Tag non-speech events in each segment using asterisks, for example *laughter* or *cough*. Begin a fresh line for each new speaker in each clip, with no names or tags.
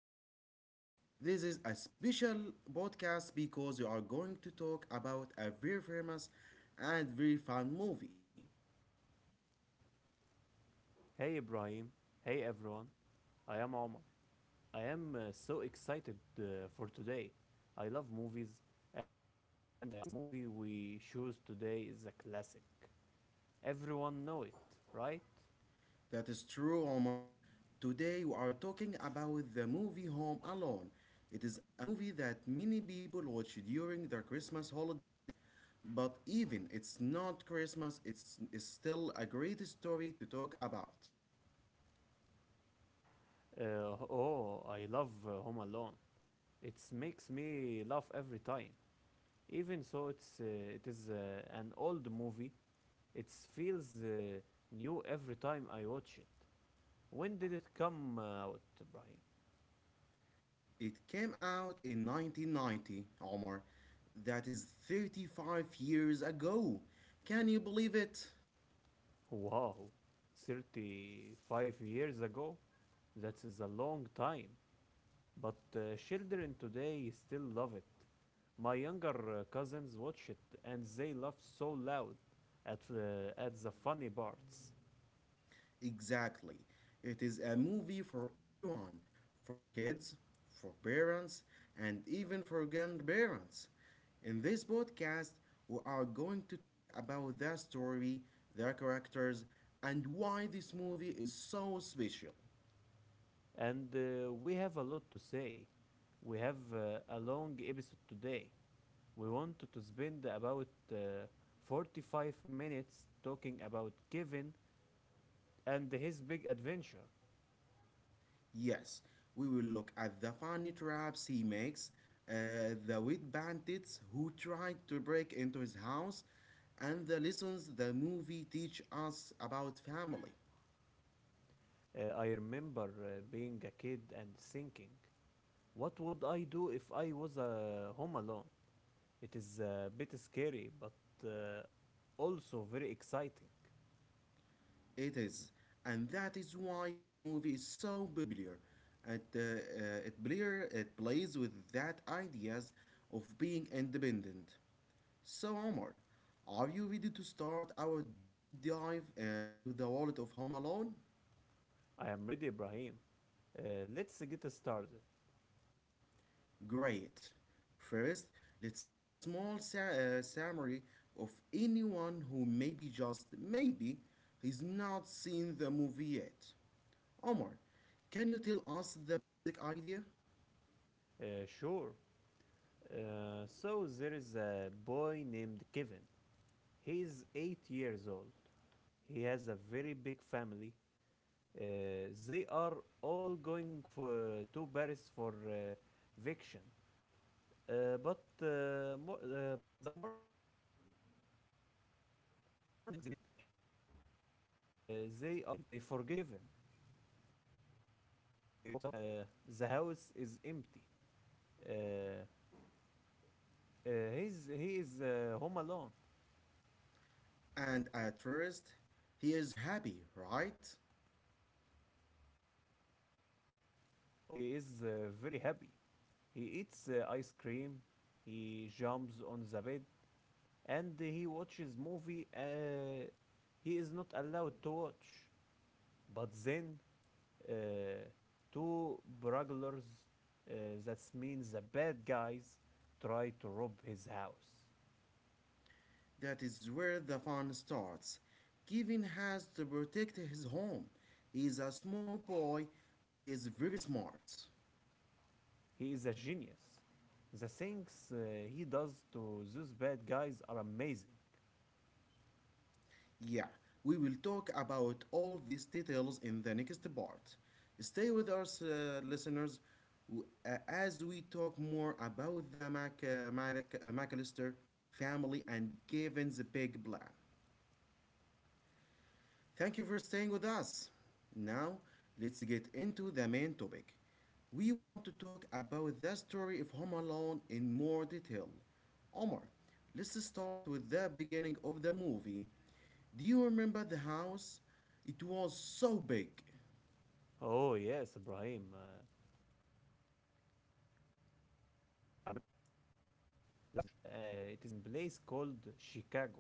today with you. This is a special podcast because we are going to talk about a very famous and very fun movie.
Hey Ibrahim, hey everyone, I am Omar. I am so excited for today. I love movies, and I think the movie we choose today is a classic. Everyone know it, right?
That is true, Omar. Today we are talking about the movie Home Alone. It is a movie that many people watch during their Christmas holidays, but even it's not Christmas, it's still a great story to talk about.
Oh, I love Home Alone. It makes me laugh every time. Even so, it is an old movie. It feels new every time I watch it. When did it come out, Ibrahim?
It came out in 1990, Omar. That is 35 years ago. Can you believe it?
Wow, 35 years ago? That is a long time. But children today still love it. My younger cousins watch it and they laugh so loud at the funny parts.
Exactly. It is a movie for everyone, for kids, for parents, and even for grandparents. In this podcast, we are going to talk about the story, the characters, and why this movie is so special.
And we have a lot to say. We have a long episode today. We want to spend about 45 minutes talking about Kevin and his big adventure.
Yes, we will look at the funny traps he makes, the wit bandits who tried to break into his house, and the lessons the movie teach us about family.
I remember being a kid and thinking, what would I do if I was home alone? It is a bit scary, but uh, also very exciting.
It is, and that is why the movie is so popular. It, uh, it plays with that ideas of being independent. So Omar, are you ready to start our deep dive into the world of Home Alone?
I am ready, Ibrahim. Uh, let's get started.
Great. First, let's give a small summary of anyone who maybe just maybe has not seen the movie yet. Omar, can you tell us the basic idea?
Sure. So there is a boy named Kevin. He is 8 years old. He has a very big family. They are all going for to Paris for vacation. But the morning they leave. They are in a big hurry. They forget Kevin. He wakes up and the house is empty. Uh, uh, he is home alone.
And at first, he is happy, right?
Oh, he is very happy. He eats ice cream. He jumps on the bed and he watches movie. He is not allowed to watch. But then uh, two burglars, uh, that means the bad guys, try to rob his house.
That is where the fun starts. Kevin has to protect his home. He is a small boy, but he is very smart.
He is a genius. The things he does to those bad guys are amazing.
Yeah, we will talk about all these details in the next part. Stay with us, listeners, as we talk more about the McAllister family and Kevin's big plan. Thank you for staying with us. Now, let's get into the main topic. We want to talk about the story of Home Alone in more detail. Omar, let's start with the beginning of the movie. Do you remember the house? It was so big.
Oh, yes, Ibrahim, I remember. The house is huge. It is in place called Chicago.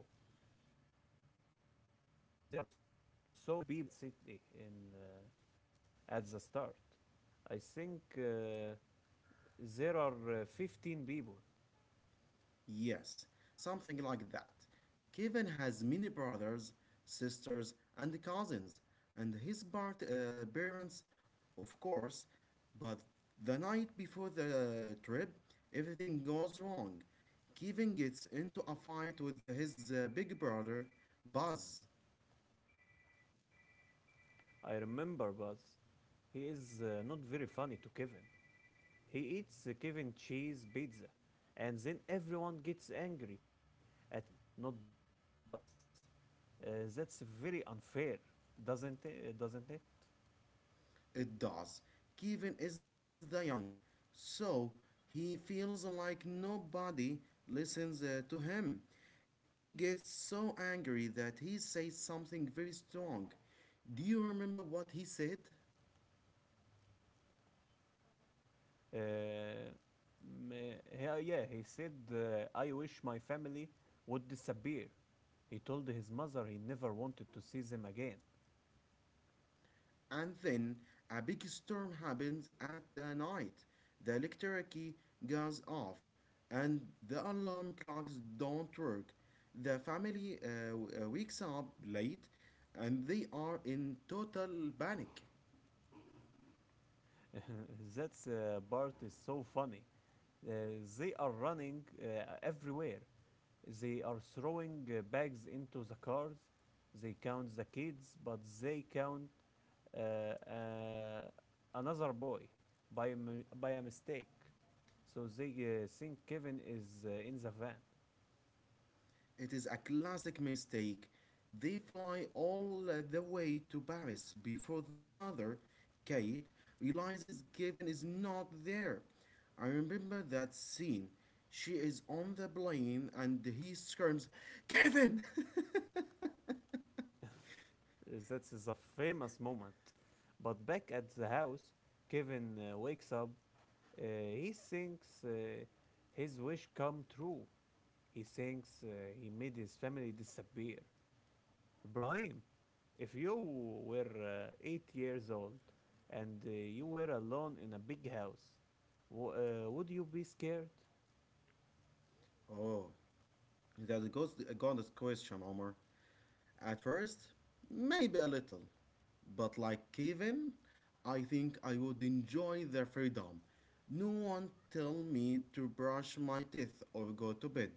There are so many people in that city, at the start. I think there are 15 people.
Yes, something like that. Kevin has many brothers, sisters, and cousins, and his parents, of course. But the night before the trip, everything goes wrong. Kevin gets into a fight with his big brother, Buzz.
I remember Buzz. He is not very funny to Kevin. He eats the Kevin cheese pizza, and then everyone gets angry at Kevin, not Buzz. Uh, that's very unfair, doesn't it?
It does. Kevin is the youngest, so he feels like nobody listens to him. He gets so angry that he says something very strong. Do you remember what he said?
Uh, yeah, yeah, he said, I wish my family would disappear. He told his mother he never wanted to see them again.
And then a big storm happens at the night. The electricity goes off, and the alarm clocks don't work. The family wakes up late, and they are in total panic.
*laughs* That's part is so funny. Uh, they are running everywhere. They are throwing bags into the cars. They count the kids, but they count uh, uh, another boy by a mistake. So they think Kevin is in the van.
It is a classic mistake. They fly all the way to Paris before the mother, Kate, realizes Kevin is not there. I remember that scene. She is on the plane and he screams, Kevin! *laughs*
That is a famous moment. But back at the house, Kevin wakes up. Uh, he thinks his wish come true. He thinks he made his family disappear. Ibrahim, if you were 8 years old and you were alone in a big house, would you be scared?
Oh, that goes, got this question, Omar. At first, maybe a little, but like Kevin, I think I would enjoy the freedom. No one tell me to brush my teeth or go to bed.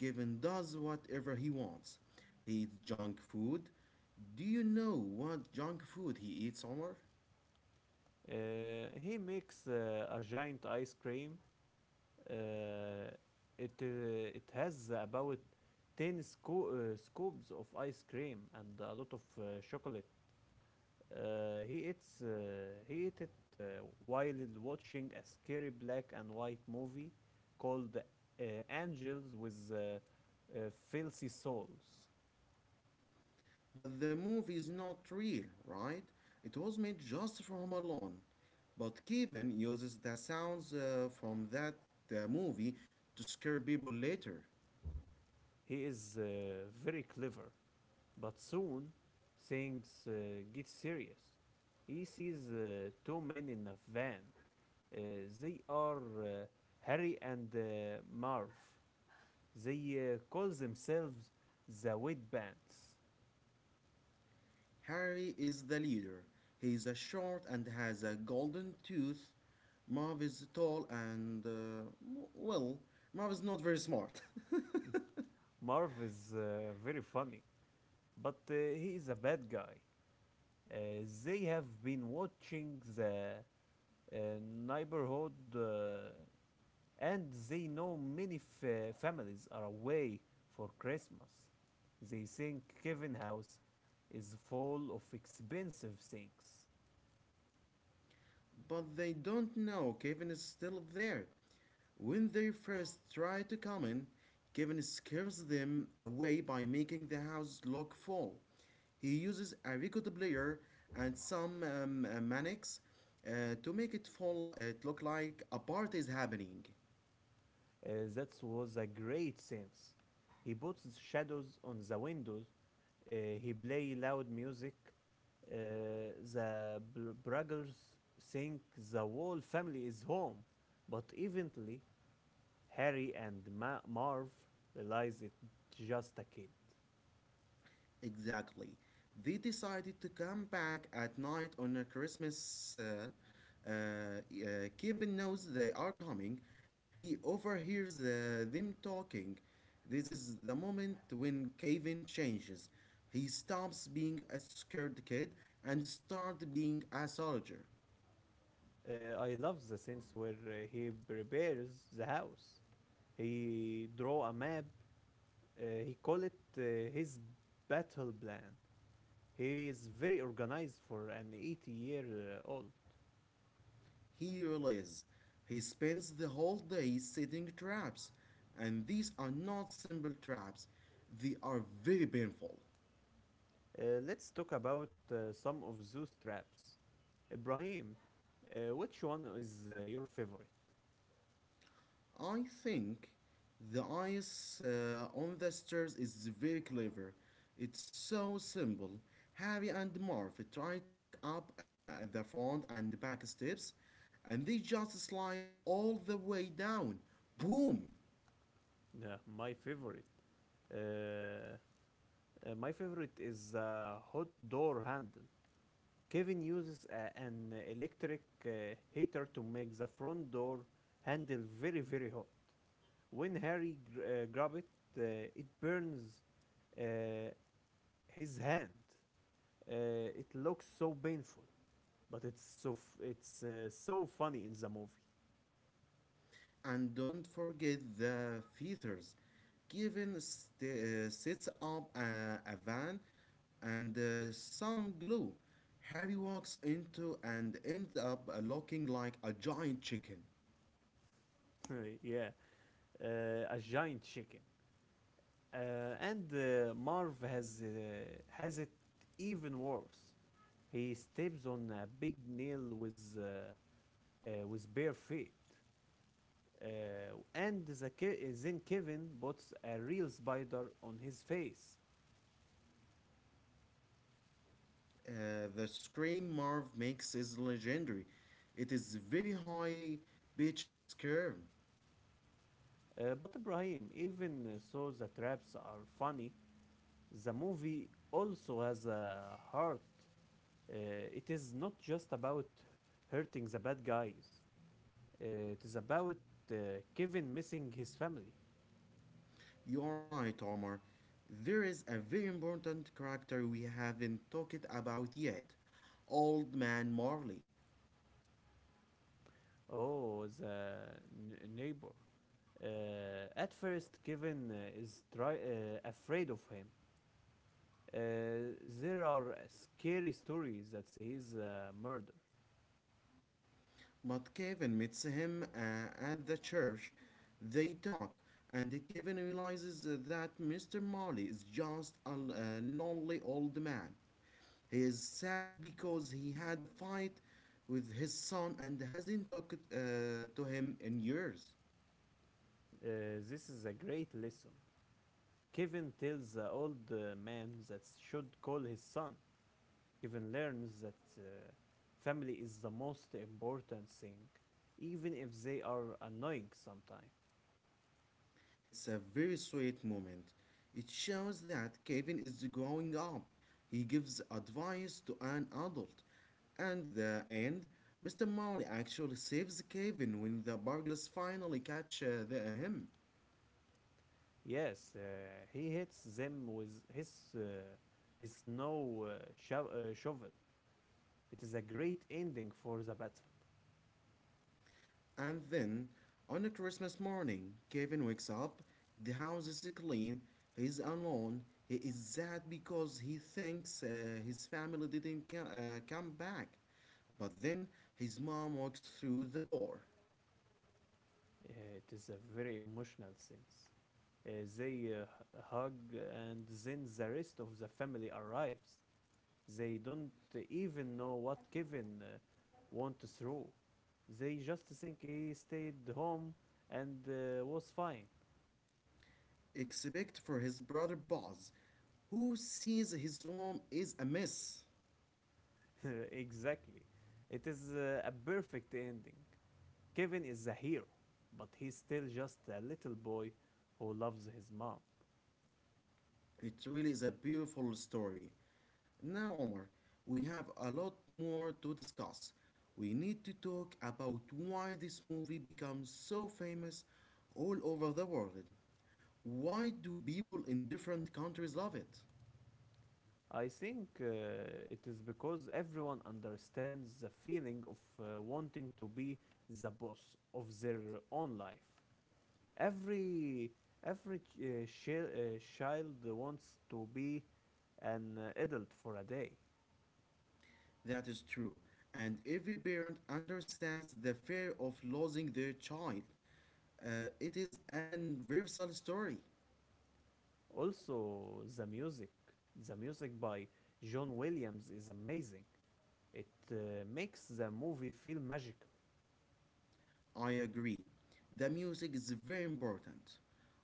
Kevin does whatever he wants. He eats junk food. Do you know what junk food he eats, Omar?
Uh, he makes a giant ice cream. Uh, it, it has about 10 scoops of ice cream and a lot of chocolate. Uh, he eats, uh, he ate it while watching a scary black and white movie called Angels with uh, Filthy Souls.
But the movie is not real, right? It was made just for Home Alone. But Kevin uses the sounds from that movie to scare people later.
He is very clever, but soon things get serious. He sees two men in a van. Uh, they are Harry and Marv. They call themselves the Wet Bands.
Harry is the leader. He is short and has a golden tooth. Marv is tall and, well, Marv is not very smart. *laughs*
Marv is very funny. But he is a bad guy. They have been watching the neighborhood, and they know many families are away for Christmas. They think Kevin House is full of expensive things.
But they don't know Kevin is still there. When they first try to come in, Kevin scares them away by making the house lock fall. He uses a record player and some manics to make it fall. It look like a party is happening.
That was a great sense. He puts shadows on the windows. Uh, he play loud music. Uh, the brothers think the whole family is home, but eventually Harry and Marv realize it's just a kid.
Exactly. They decided to come back at night on a Christmas. Uh, Kevin knows they are coming. He overhears them talking. This is the moment when Kevin changes. He stops being a scared kid and starts being a soldier.
I love the scenes where he prepares the house. He draw a map. He call it his battle plan. He is very organized for an 80 year old.
He realizes he spends the whole day setting traps, and these are not simple traps, they are very painful.
Let's talk about some of those traps. Ibrahim, which one is your favorite?
I think the ice on the stairs is very clever. It's so simple. Harry and Marv try to walk up the front and back steps, and they just slide all the way down. Boom!
Uh, my favorite. Uh, my favorite is a hot door handle. Kevin uses an electric heater to make the front door handle very, very hot. When Harry grabs it, uh, it burns uh, his hand. It looks so painful, but it's so funny in the movie.
And don't forget the feathers. Kevin sets up a van and some glue. Harry walks into and ends up looking like a giant chicken.
*laughs* Yeah, a giant chicken, and Marv has it even worse. He steps on a big nail with bare feet, uh, and then Kevin puts a real spider on his face.
The scream Marv makes is legendary. It is very high pitched scream.
But Ibrahim, even though the traps are funny, the movie also has a heart. Uh, it is not just about hurting the bad guys. It is about uh, Kevin missing his family.
You are right, Omar. There is a very important character we haven't talked about yet, Old Man Marley.
Oh, the neighbor. At first, Kevin is afraid of him. Uh, there are scary stories that he's murdered.
But Kevin meets him at the church. They talk, and Kevin realizes that Mr. Marley is just a lonely old man. He is sad because he had a fight with his son and hasn't talked to him in years.
This is a great lesson. Kevin tells the old man that should call his son. Kevin learns that family is the most important thing, even if they are annoying sometimes.
It's a very sweet moment. It shows that Kevin is growing up. He gives advice to an adult. And the end, Mr. Mowley actually saves Kevin when the burglars finally catch him.
Yes, he hits them with his snow shovel. It is a great ending for the battle.
And then, on a Christmas morning, Kevin wakes up. The house is clean. He's alone. He is sad because he thinks his family didn't come back. But then his mom walks through the door,
Uh, it is a very emotional scene. They hug, and then the rest of the family arrives. They don't even know what Kevin went through. They just think he stayed home and was fine.
except for his brother Buzz, who sees his home is a mess.
*laughs* Exactly. It is a perfect ending. Kevin is a hero, but he's still just a little boy who loves his mom.
It really is a beautiful story. Now, Omar, we have a lot more to discuss. We need to talk about why this movie becomes so famous all over the world. Why do people in different countries love it?
I think it is because everyone understands the feeling of wanting to be the boss of their own life. Every every child wants to be an adult for a day.
That is true, and every parent understands the fear of losing their child. It is an universal story.
Also, the music by John Williams is amazing. It makes the movie feel magical.
I agree. The music is very important.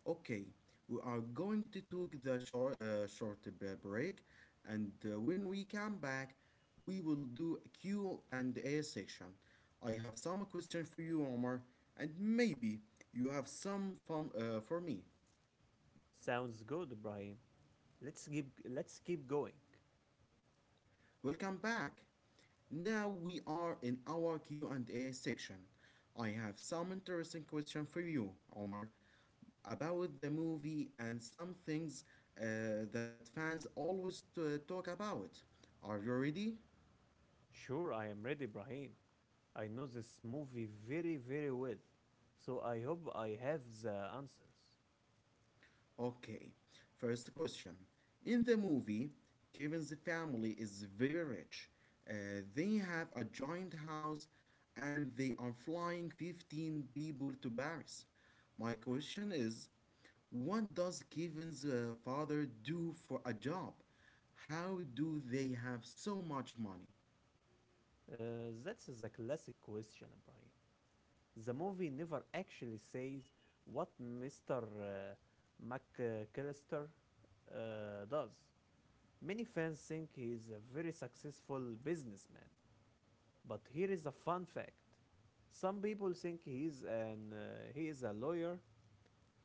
Okay, we are going to take the break, and when we come back, we will do a Q and A section. I have some question for you, Omar, and maybe you have some for me.
Sounds good, Brahim. Let's keep going.
Welcome back. Now we are in our Q and A section. I have some interesting question for you, Omar, about the movie and some things uh, that fans always talk about. Are you ready?
Sure, I am ready, Brahim. I know this movie very very well, so I hope I have the answers.
Okay. First question. In the movie, Kevin's family is very rich. They have a giant house and they are flying 15 people to Paris. My question is, what does Kevin's father do for a job? How do they have so much money?
Uh, that's the classic question, Brahim. The movie never actually says what Mr. McCallister does. Many fans think he is a very successful businessman, but here is a fun fact. Some people think he is a lawyer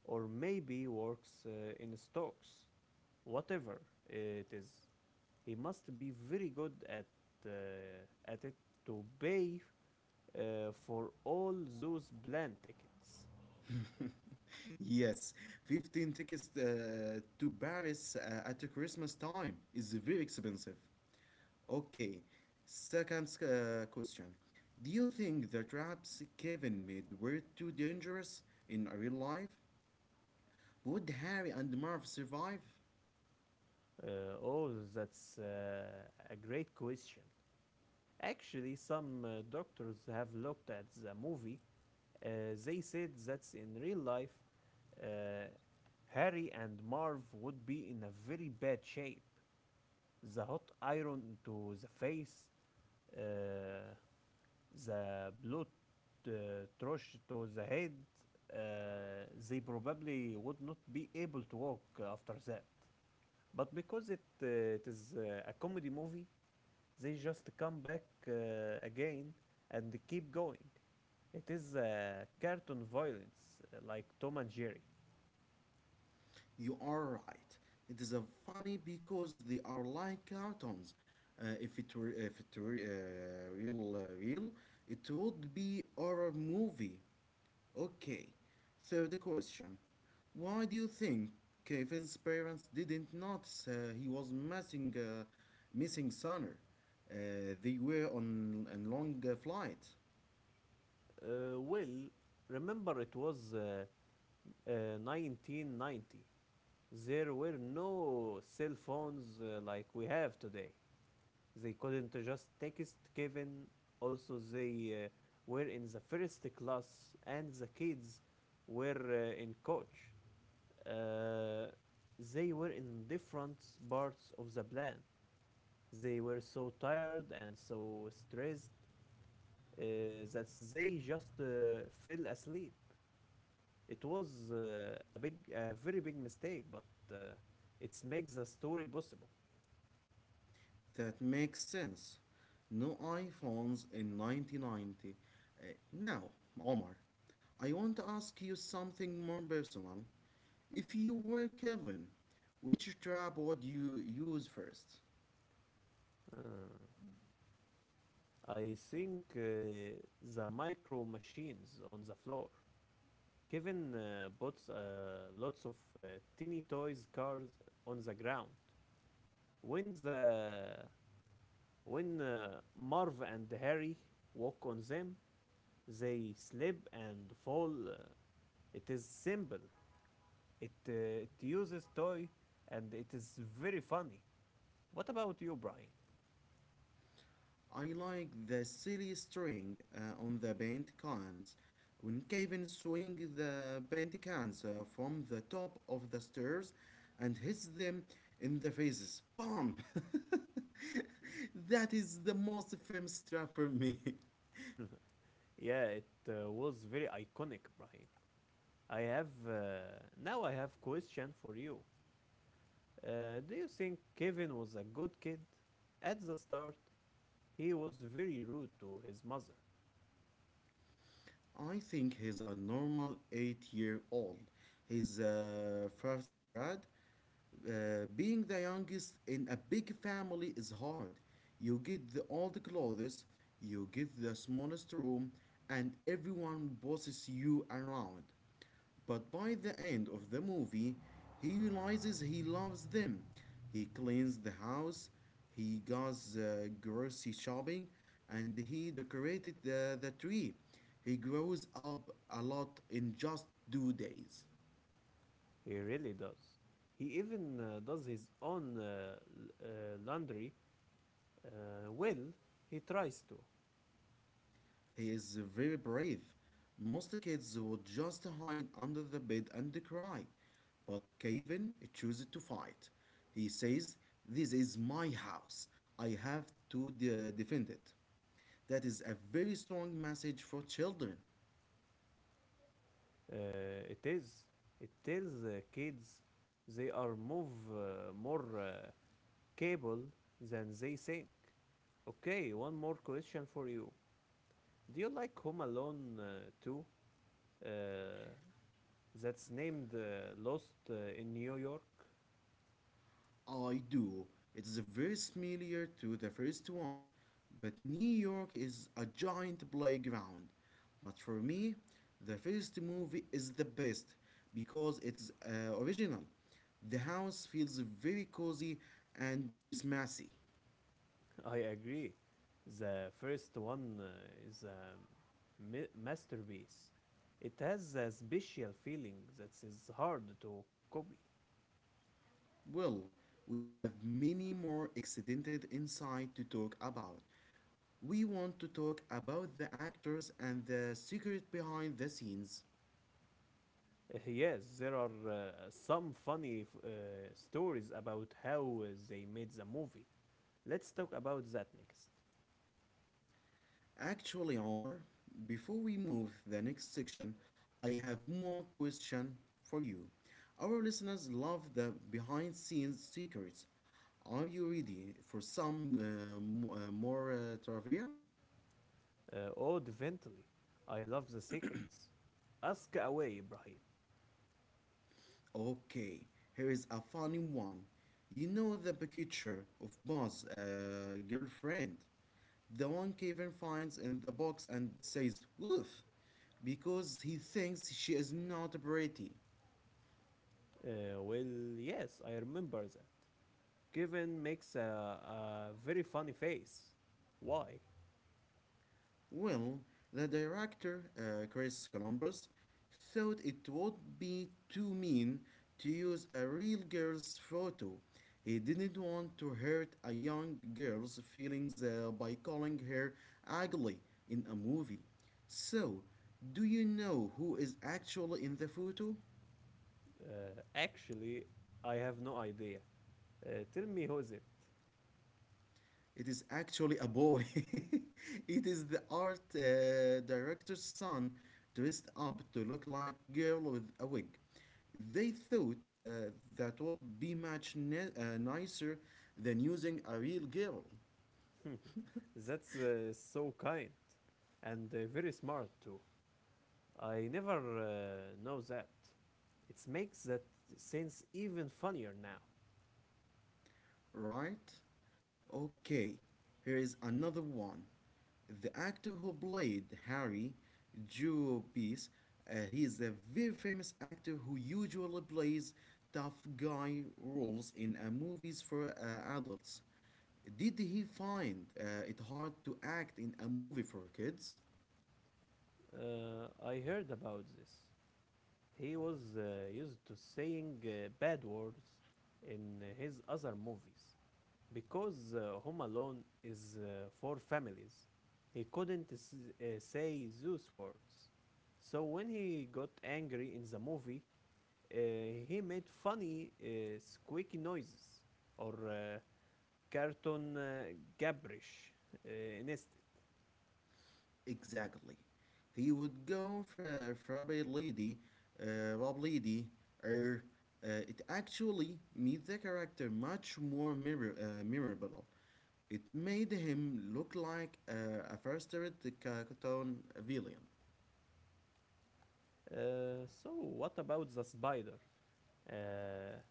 or maybe works in stocks. Whatever it is, he must be very good uh, at it to pay for all those plane tickets.
Yes, 15 tickets to Paris at the Christmas time is very expensive. Okay, second question. Do you think the traps Kevin made were too dangerous in real life? Would Harry and Marv survive?
Uh, oh, that's a great question. Actually, some doctors have looked at the movie. They said that in real life, uh, Harry and Marv would be in a very bad shape. The hot iron to the face, uh, the blood thrush to the head, they probably would not be able to walk after that. But because it is a comedy movie, they just come back again and keep going. It is cartoon violence, like Tom and Jerry.
You are right. It is a funny because they are like cartoons. If it were real real, it would be horror movie. Okay, so the question, why do you think Kevin's parents didn't notice he was missing Sonner? They were on a long flight.
Well, remember it was 1990. There were no cell phones like we have today. They couldn't just text Kevin. Also, they were in the first class, and the kids were in coach. Uh, they were in different parts of the plan. They were so tired and so stressed uh, that they just fell asleep. It was a very big mistake, but uh, it makes the story possible.
That makes sense. No iPhones in 1990. Now, Omar, I want to ask you something more personal. If you were Kevin, which trap would you use first?
Uh, I think the micro machines on the floor. Kevin puts lots of teeny toys cars on the ground. When the When Marv and Harry walk on them, they slip and fall. It is simple. It it uses toy and it is very funny. What about you, Brian?
I like the silly string on the paint cans. When Kevin swings the paint cans from the top of the stairs and hits them in the faces, BAM! *laughs* That is the most famous trap for me. *laughs*
*laughs* Yeah, it was very iconic, Brian. I have Now I have question for you. Do you think Kevin was a good kid? At the start, he was very rude to his mother.
I think he's a normal 8 year old. He's a first grade. Being the youngest in a big family is hard. You get the old clothes, you get the smallest room, and everyone bosses you around. But by the end of the movie, he realizes he loves them. He cleans the house, he goes grocery shopping, and he decorated the tree. He grows up a lot in just 2 days.
He really does. He even does his own uh, laundry. Well, he tries to.
He is very brave. Most kids would just hide under the bed and cry. But Kevin chooses to fight. He says, this is my house. I have to defend it. That is a very strong message for children.
It is. It tells kids they are move more cable than they think. Okay, one more question for you. Do you like Home Alone too? Uh, that's named Lost in New York.
I do. It's very similar to the first one, but New York is a giant playground. But for me, the first movie is the best because it's original. The house feels very cozy and Christmassy.
*laughs* I agree. The first one is a masterpiece. It has a special feeling that is hard to copy.
Well, we have many more accidented inside to talk about. We want to talk about the actors and the secret behind the scenes.
Yes, there are some funny stories about how they made the movie. Let's talk about that next.
Actually, Omar, before we move the next section, I have more question for you. Our listeners love the behind scenes secrets. Are you ready for some more trivia?
Oh, Ventily, I love the secrets. Ask away, Ibrahim.
Okay, here is a funny one. You know the picture of Buzz' girlfriend, the one Kevin finds in the box and says "woof" because he thinks she is not pretty.
Well, yes, I remember that. Kevin makes a very funny face. Why?
Well, the director, Chris Columbus, thought it would be too mean to use a real girl's photo. He didn't want to hurt a young girl's feelings by calling her ugly in a movie. So, do you know who is actually in the photo?
Actually, I have no idea. Tell me who is it?
It is actually a boy. *laughs* It is the art director's son dressed up to look like girl with a wig. They thought that would be much nicer than using a real girl.
*laughs* That's so kind and very smart too. I never know that. It makes that sense even funnier now.
Right? Okay, here is another one. The actor who played Harry Jewbies, he is a very famous actor who usually plays tough guy roles in movies for adults. Did he find it hard to act in a movie for kids?
I heard about this. He was used to saying bad words in his other movies, because Home Alone is for families. He couldn't say those words. So when he got angry in the movie, uh, he made funny squeaky noises or cartoon gibberish uh, instead.
Exactly. He would go for Robert Lady, Rob Lady, or it actually made the character much more memorable. It made him look like a frustrated cartoon villain.
So what about the spider? Uh,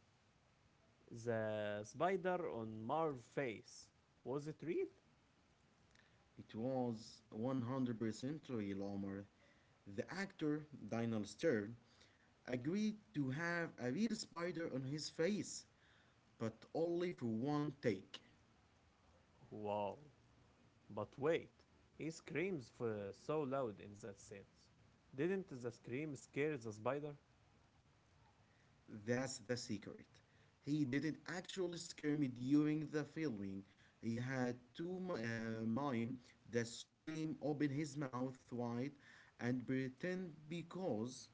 the spider on Marv's face. Was it real?
It was 100% real armor. The actor, Daniel Stern, agreed to have a real spider on his face, but only for one take.
Wow. But wait, he screams so loud in that sense. Didn't the scream scare the spider?
That's the secret. He didn't actually scare me during the filming. He had to mime the scream, open his mouth wide, and pretend because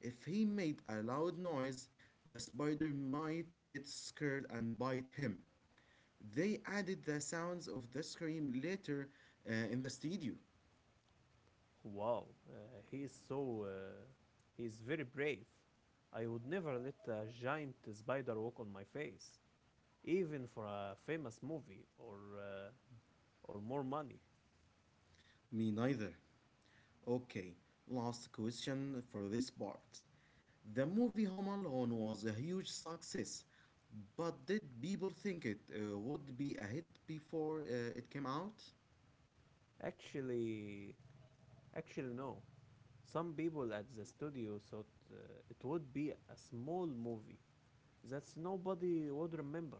if he made a loud noise, the spider might get scared and bite him. They added the sounds of the scream later in the studio.
Wow, he is so. He is very brave. I would never let a giant spider walk on my face, even for a famous movie or more money.
Me neither. Okay, last question for this part. The movie Home Alone was a huge success, but did people think it would be a hit before it came out?
Actually, actually, no. Some people at the studio thought it would be a small movie that nobody would remember.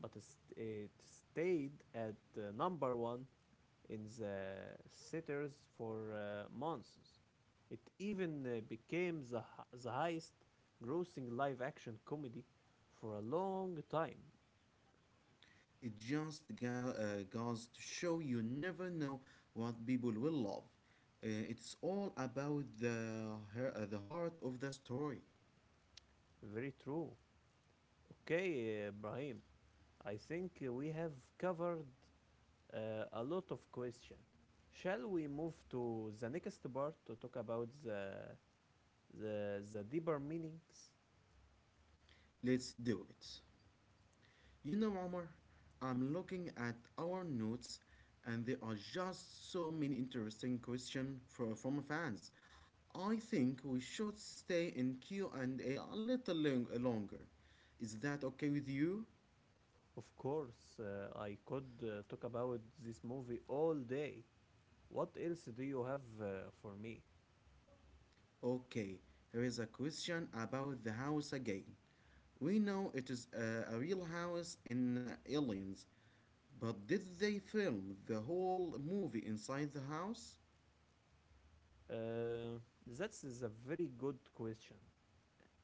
But it stayed at the number one in the sitters for months. It even became the highest grossing live action comedy for a long time.
It just goes to show you never know what people will love. It's all about the heart of the story.
Very true. Okay, Ibrahim, I think we have covered uh, a lot of questions. Shall we move to the next part to talk about the deeper meanings?
Let's do it. You know, Omar, I'm looking at our notes and there are just so many interesting questions from fans. I think we should stay in Q&A a little longer. Is that okay with you?
Of course, I could talk about this movie all day. What else do you have for me?
Okay, here is a question about the house again. We know it is a real house in Aliens, but did they film the whole movie inside the house?
Uh, that is a very good question.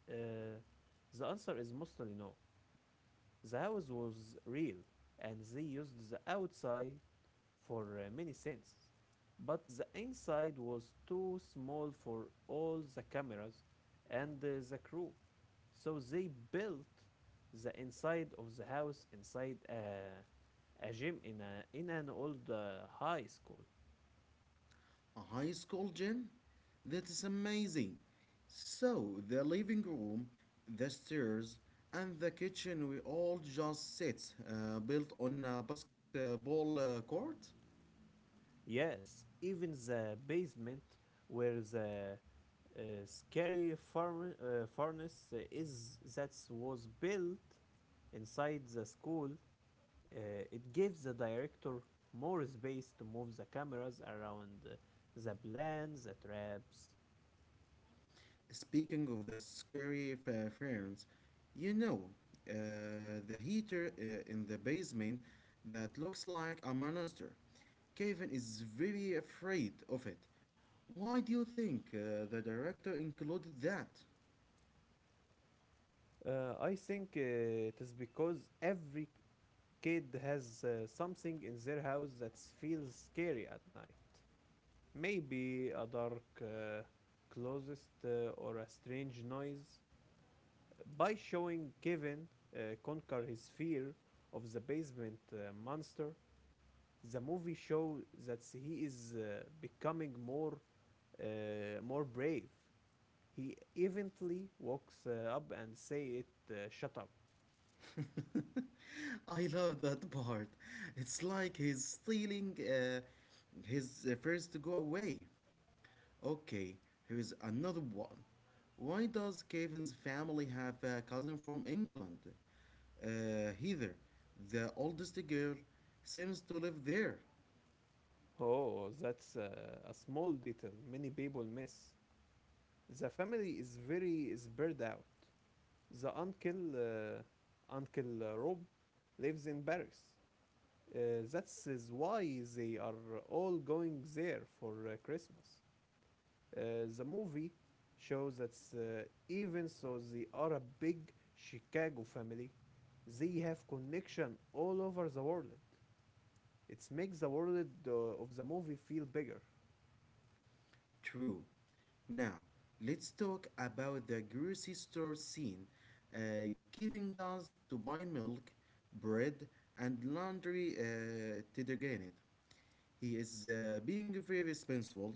Uh, the answer is mostly no. The house was real, and they used the outside for many scenes. But the inside was too small for all the cameras and the crew. So they built the inside of the house inside a gym in a in an old high school.
A high school gym? That is amazing. So, the living room, the stairs, and the kitchen we all just sit built on a basketball court.
Yes, even the basement where the scary furnace is that was built inside the school. Uh, it gives the director more space to move the cameras around the plans, the traps.
Speaking of the scary ferns, you know, uh, the heater in the basement that looks like a monster. Kevin is very afraid of it. Why do you think the director included that?
I think it is because every kid has something in their house that feels scary at night. Maybe a dark closet or a strange noise. By showing Kevin conquer his fear of the basement monster, the movie shows that he is becoming more more brave. He eventually walks up and say it, "Shut up."
*laughs* I love that part. It's like he's stealing his first to go away. Okay, here is another one. Why does Kevin's family have a cousin from England? Heather, the oldest girl, seems to live there.
Oh, that's a small detail many people miss. The family is very spread out. The uncle, Uncle Rob, lives in Paris. That is why they are all going there for Christmas. The movie shows that even though they are a big Chicago family, they have connection all over the world. It makes the world of the movie feel bigger.
True. Now, let's talk about the grocery store scene, giving us to buy milk, bread, and laundry detergent. He is being very responsible,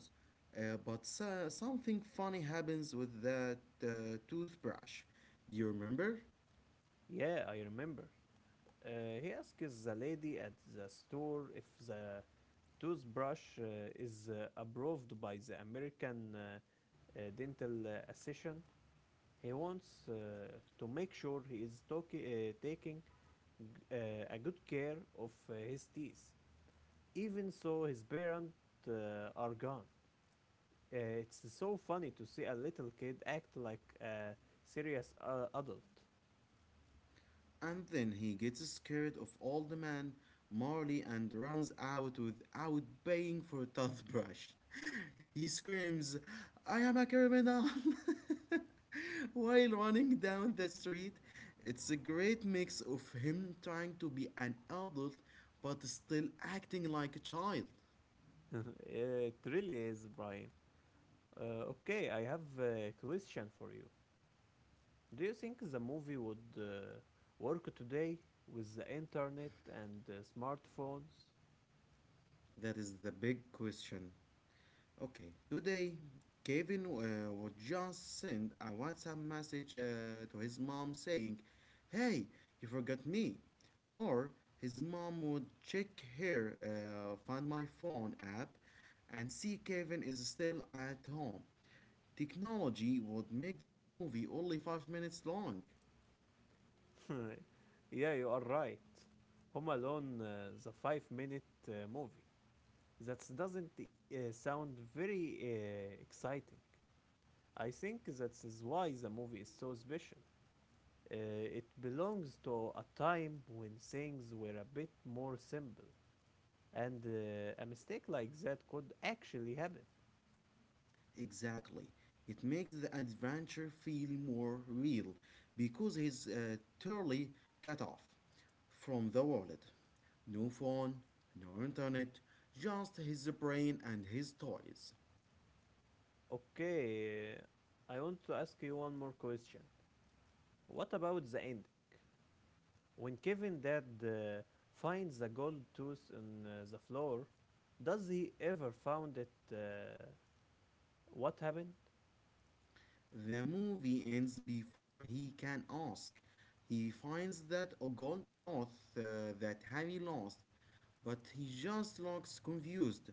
but something funny happens with that toothbrush. Do you remember?
Yeah, I remember. Uh, he asks the lady at the store if the toothbrush is approved by the American Dental Association. He wants to make sure he is taking uh, a good care of his teeth, even so his parents are gone. It's so funny to see a little kid act like a serious adult.
And then he gets scared of old man Marley and runs out without paying for a toothbrush. *laughs* He screams, I am a criminal! *laughs* While running down the street, it's a great mix of him trying to be an adult but still acting like a child.
*laughs* It really is, Brian. Okay, I have a question for you. Do you think the movie would work today with the internet and smartphones?
That is the big question. Okay, today Kevin would just send a WhatsApp message to his mom saying, Hey, you forgot me. Or his mom would check her Find My Phone app and see Kevin is still at home. Technology would make the movie only 5 minutes long.
*laughs* Yeah, you are right. Home Alone, the five-minute movie. That doesn't sound very exciting. I think that is why the movie is so special. It belongs to a time when things were a bit more simple, and a mistake like that could actually happen.
Exactly. It makes the adventure feel more real because he's totally cut off from the world. No phone, no internet, just his brain and his toys.
Okay, I want to ask you one more question. What about the ending? When Kevin dad finds the gold tooth on the floor, does he ever found it? What happened?
The movie ends before he can ask. He finds that a gold tooth that Harry lost, but he just looks confused.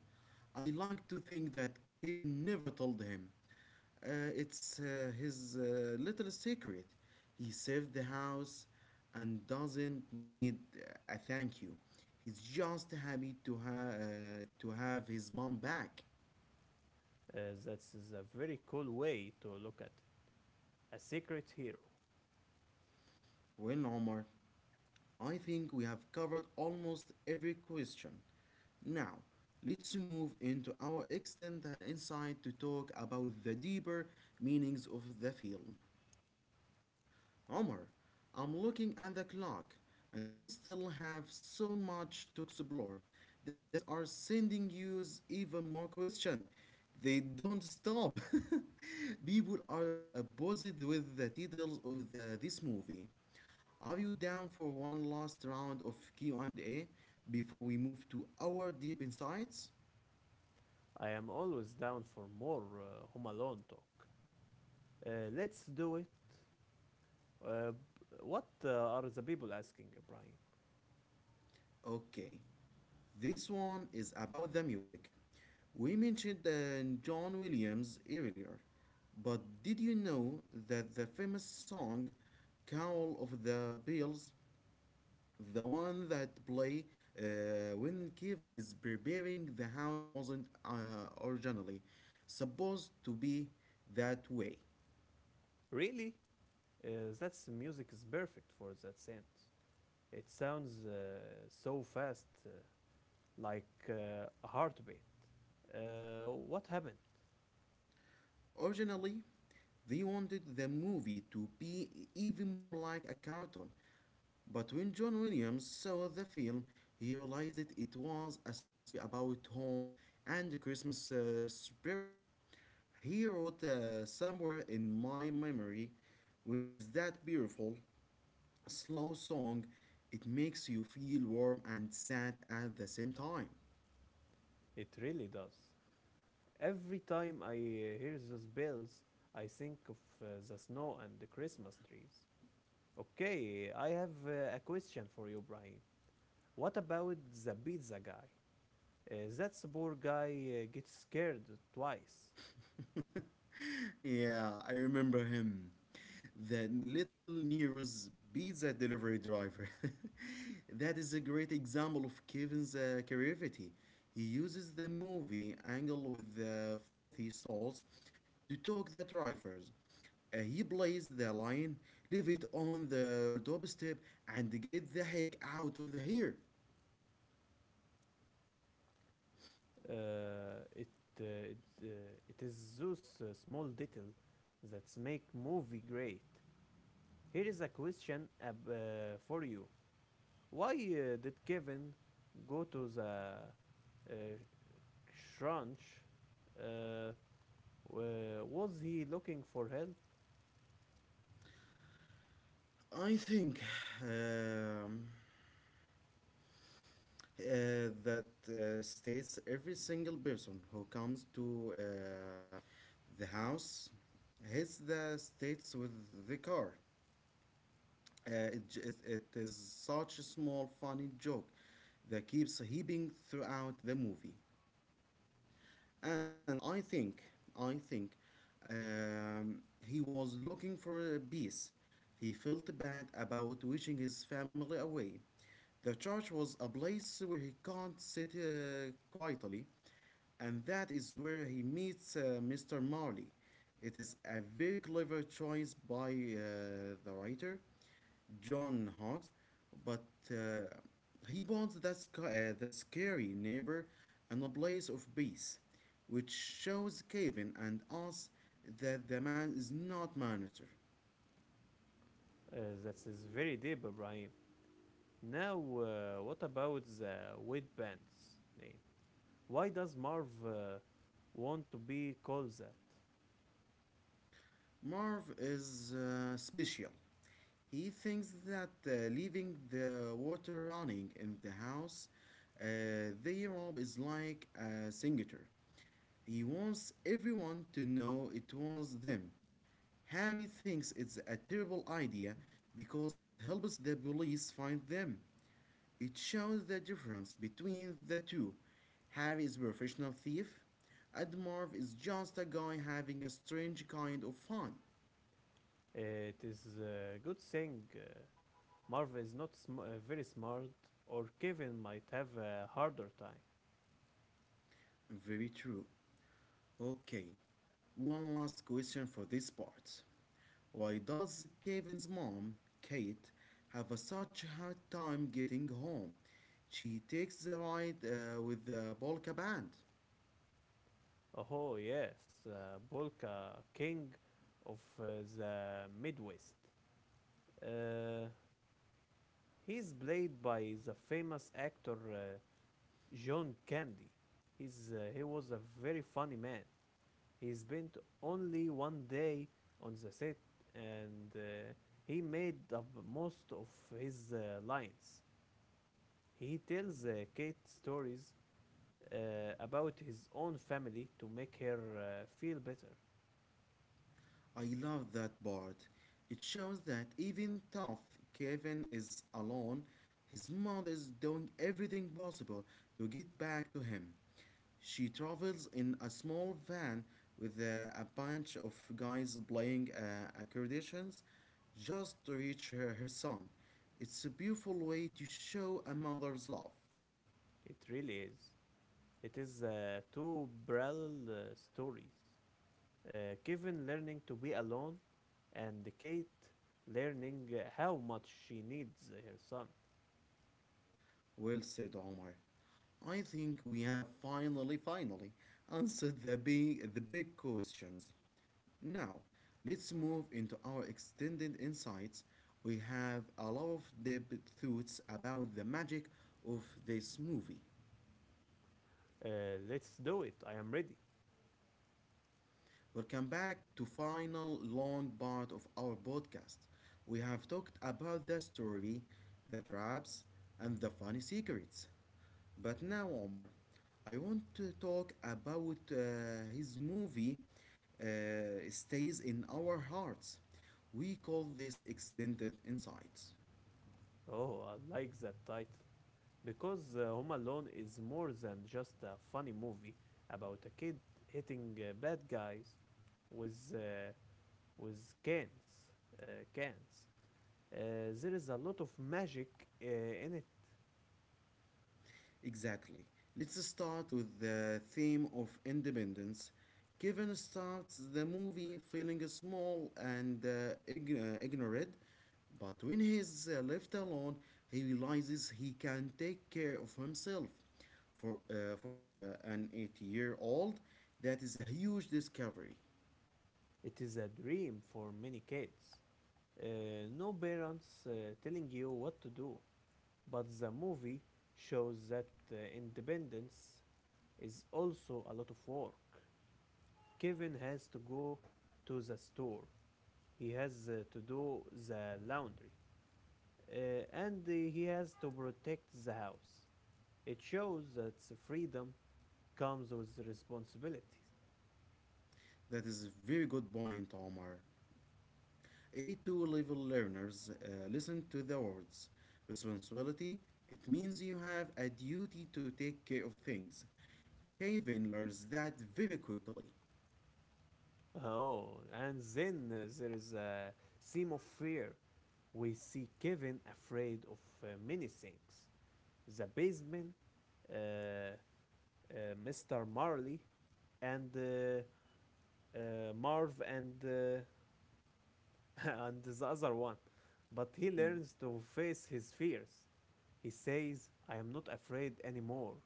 I like to think that Kevin never told him. It's his little secret. He saved the house and doesn't need a thank you. He's just happy to have his mom back.
That's a very cool way to look at it. A secret hero.
Well, Omar, I think we have covered almost every question. Now, let's move into our extended insight to talk about the deeper meanings of the film. Omar, I'm looking at the clock, and we still have so much to explore. The fans are sending you even more questions. They don't stop. *laughs* People are uh, uh, with the details of this movie. Are you down for one last round of Q&A before we move to our deep insights?
I am always down for more Home Alone talk. Uh, let's do it. Uh, b- what are the people asking, Brian?
Okay. This one is about the music. We mentioned John Williams earlier, but did you know that the famous song Call of the Bells, the one that play when Kevin is preparing the house wasn't originally supposed to be that way.
Really? That's music is perfect for that sense. It sounds so fast, like a heartbeat. What happened?
Originally, they wanted the movie to be even more like a cartoon. But when John Williams saw the film, he realized that it was a story about home and the Christmas spirit. He wrote somewhere in my memory, which is that beautiful, slow song. It makes you feel warm and sad at the same time.
It really does. Every time I hear those bells, I think of the snow and the Christmas trees. Okay, I have a question for you, Brian. What about the pizza guy? That poor guy gets scared twice.
Yeah, I remember him. The little Nero's pizza delivery driver. *laughs* That is a great example of Kevin's creativity. He uses the movie angle with the flighty souls to talk the drivers. He plays the line, leave it on the doorstep, and get the heck out of the here.
Uh, it, it is those small details that make movie great. Here is a question for you. Why did Kevin go to the uh, shrunch? Uh, was he looking for help?
I think. Um, uh, that states every single person who comes to the house hits the states with the car. It is such a small, funny joke that keeps heaping throughout the movie, and I think he was looking for a peace. He felt bad about wishing his family away. The church was a place where he can't sit quietly, and that is where he meets Mr. Marley. It is a very clever choice by the writer. John Hawks, but uh, he bonds that the scary neighbor in a place of peace, which shows Kevin and us that the man is not Manister.
Uh, that is very deep, Ibrahim. Now, what about the weight name? Why does Marv want to be called that?
Marv is special. He thinks that leaving the water running in the house they rob is like a signature. He wants everyone to know it was them. Harry thinks it's a terrible idea because it helps the police find them. It shows the difference between the two. Harry is a professional thief, and Marv is just a guy having a strange kind of fun.
It is a good thing Marv is not very smart, or Kevin might have a harder time.
Very true. Okay, one last question for this part. Why does Kevin's mom, Kate, have a such a hard time getting home? She takes the ride with the polka band.
Oh, yes, Bolka, king of the Midwest. Uh, he's played by the famous actor John Candy. He was a very funny man. He spent only one day on the set and he made up most of his lines. He tells Kate stories uh, about his own family to make her feel better.
I love that part. It shows that even tough Kevin is alone, his mother is doing everything possible to get back to him. She travels in a small van with a bunch of guys playing accordions just to reach her son. It's a beautiful way to show a mother's love.
It really is. It is two parallel stories. Kevin learning to be alone, and Kate learning how much she needs her son.
Well said, Omar. I think we have finally answered the big questions. Now, let's move into our extended insights. We have a lot of deep thoughts about the magic of this movie.
Uh, let's do it. I am ready.
We'll come back to final long part of our podcast. We have talked about the story, the traps, and the funny secrets. But now, Omar, I want to talk about his movie uh, stays in our hearts. We call this extended insights.
Oh, I like that title because Home Alone is more than just a funny movie about a kid hitting bad guys with with cans. Cans. Uh, there is a lot of magic in it.
Exactly. Let's start with the theme of independence. Kevin starts the movie feeling small and ignorant, but when he's left alone, he realizes he can take care of himself. For an 8-year-old old, that is a huge discovery.
It is a dream for many kids. No parents telling you what to do. But the movie shows that independence is also a lot of work. Kevin has to go to the store, he has to do the laundry, uh, and he has to protect the house. It shows that freedom comes with responsibilities.
That is a very good point, Omar. A2 level learners listen to the words responsibility. It means you have a duty to take care of things. Kevin learns that very quickly.
Oh, and then there is a theme of fear. We see Kevin afraid of many things the basement, uh, uh, Mr. Marley, and Marv, and, *laughs* and the other one. But he
Hmm.
learns to face his fears. He says, I am not afraid anymore,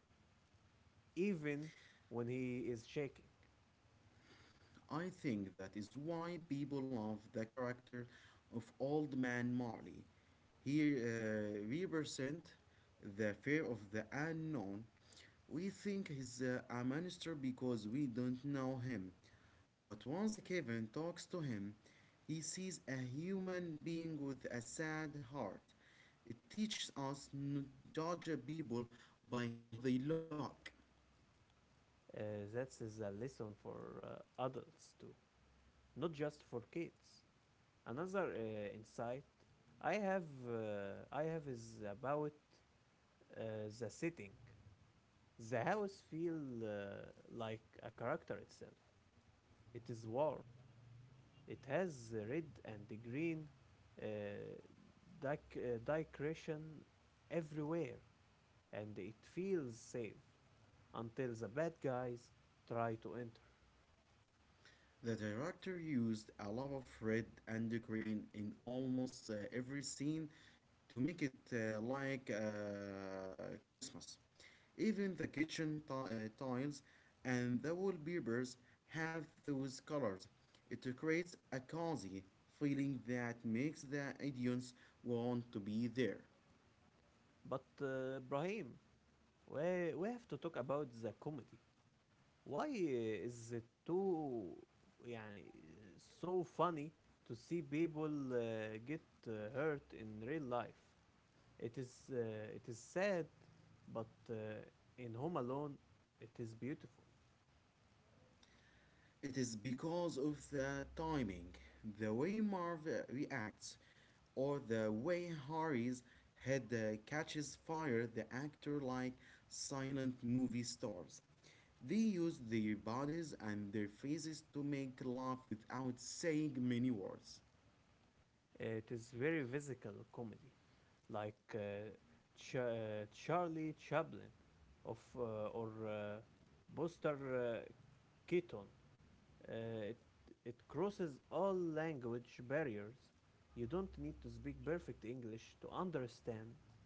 even when he is shaking.
I think that is why people love the character of Old Man Marley. He represents the fear of the unknown. We think he's a monster because we don't know him. But once Kevin talks to him, he sees a human being with a sad heart. It teaches us not to judge people by how they look.
Uh, that is a lesson for adults too, not just for kids. Another insight I have is about uh, the setting. The house feels like a character itself. It is warm. It has the red and the green uh, decoration everywhere, and it feels safe until the bad guys try to enter.
The director used a lot of red and green in almost every scene to make it like Christmas. Even the kitchen tiles and the wallpapers have those colors. It creates a cozy feeling that makes the audience want to be there.
But Brahim, we have to talk about the comedy. Why is it too يعني so funny to see people get hurt in real life? It is sad, but in Home Alone, it is beautiful.
It is because of the timing, the way Marv reacts, or the way Harry's head catches fire, the actor like silent movie stars. They use their bodies and their faces to make laugh without saying many words.
It is very physical comedy, like Charlie Chaplin, of or Buster Keaton. Uh, it it crosses all language barriers. You don't need to speak perfect English to understand uh,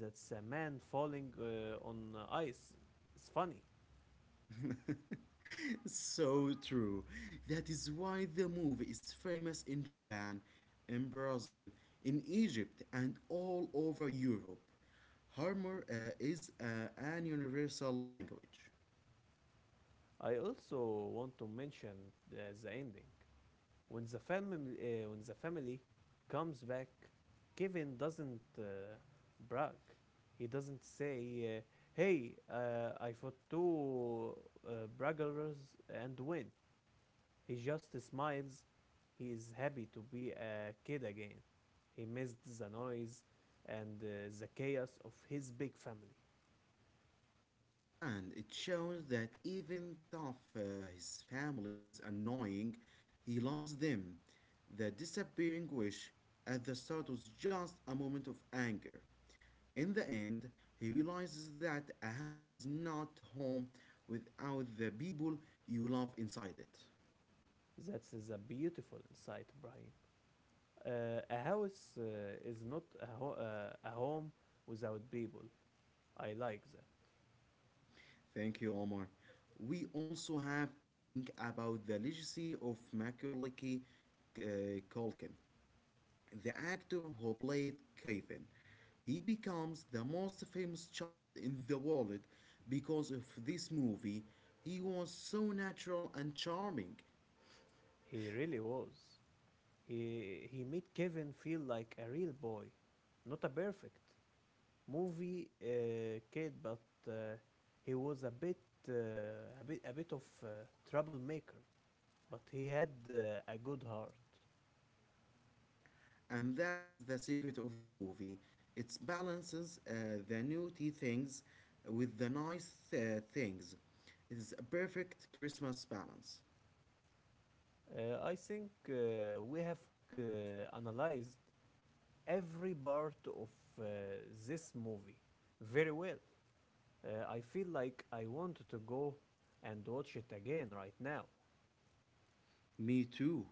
that a man falling on ice is funny.
*laughs* *laughs* So true. That is why the movie is famous in Japan, in Brazil, in Egypt, and all over Europe. Humor is an universal language.
I also want to mention the ending. When the family comes back, Kevin doesn't brag. He doesn't say, uh, "Hey, I fought two braggarers and win." He just smiles. He is happy to be a kid again. He missed the noise and the chaos of his big family.
And it shows that even though his family is annoying, he loves them. The disappearing wish at the start was just a moment of anger. In the end, he realizes that a house is not home without the people you love inside it.
That is a beautiful insight, Brian. A house is not a home without people. I like that.
Thank you, Omar. We also have to think about the legacy of Macaulay uh, Culkin. The actor who played Kevin. He becomes the most famous child in the world because of this movie. He was so natural and charming,
He really was. He made Kevin feel like a real boy, not a perfect movie kid, but uh, he was a bit uh, a bit a bit of troublemaker, but he had a good heart.
and that is the secret of the movie. It balances the naughty things with the nice things. It is a perfect Christmas balance.
I think we have uh, analyzed every part of uh, this movie very well. I feel like I want to go and watch it again right now.
Me too.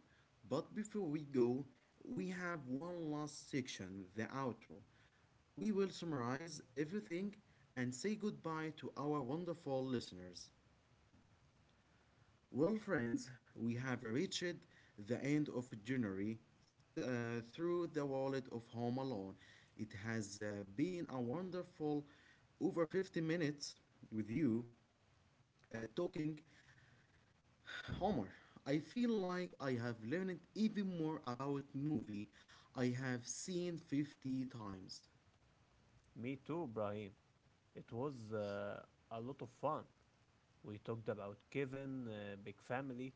But before we go, we have one last section the outro. We will summarize everything and say goodbye to our wonderful listeners. Well, friends, we have reached the end of January through the wallet of Home Alone. It has been a wonderful over 50 minutes with you talking Homer. I feel like I have learned even more about movie I have seen 50 times.
Me too, Brahim. It was a lot of fun. We talked about Kevin, big family,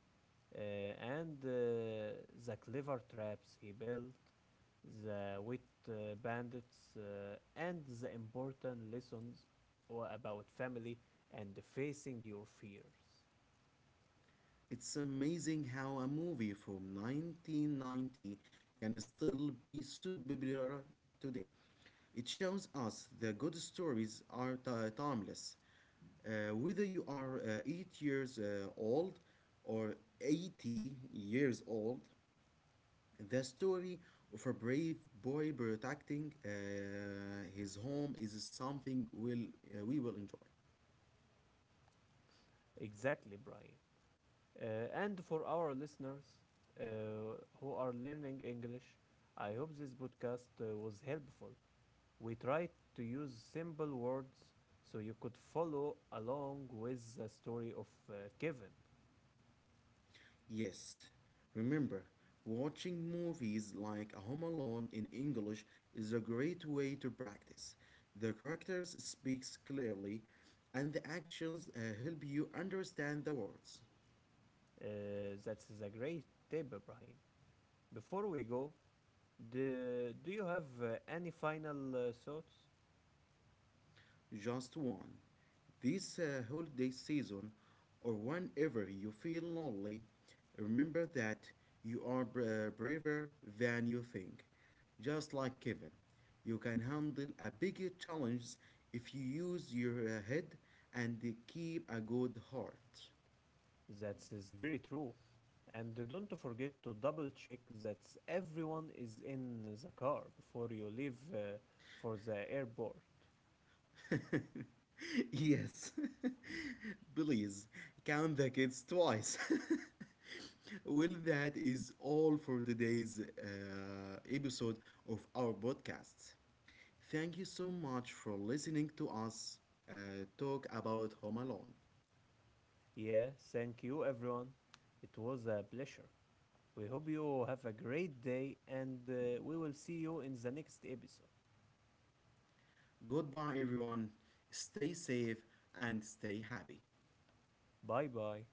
uh, and the clever traps he built, the wit bandits, and the important lessons about family and facing your fears.
It's amazing how a movie from 1990 can still be so popular today. It shows us that good stories are timeless. Whether you are 8 years old or 80 years old, the story of a brave boy protecting his home is something we will enjoy.
Exactly, Brian. And for our listeners uh, who are learning English, I hope this podcast was helpful. We tried to use simple words so you could follow along with the story of Kevin.
Yes, remember, watching movies like Home Alone in English is a great way to practice. The characters speaks clearly and the actions help you understand the words.
That's a great tip, Ibrahim. Before we go, do you have any final thoughts?
Just one. This holiday season, or whenever you feel lonely, remember that you are braver than you think. Just like Kevin, you can handle a bigger challenge if you use your head and keep a good heart.
That is very true. And don't forget to double check that everyone is in the car before you leave for the airport.
*laughs* Yes. *laughs* Please count the kids twice. *laughs* Well, that is all for today's episode of our podcast. Thank you so much for listening to us talk about Home Alone.
Yeah, thank you, everyone. It was a pleasure. We hope you have a great day and we will see you in the next episode.
Goodbye, everyone. Stay safe and stay happy.
Bye bye.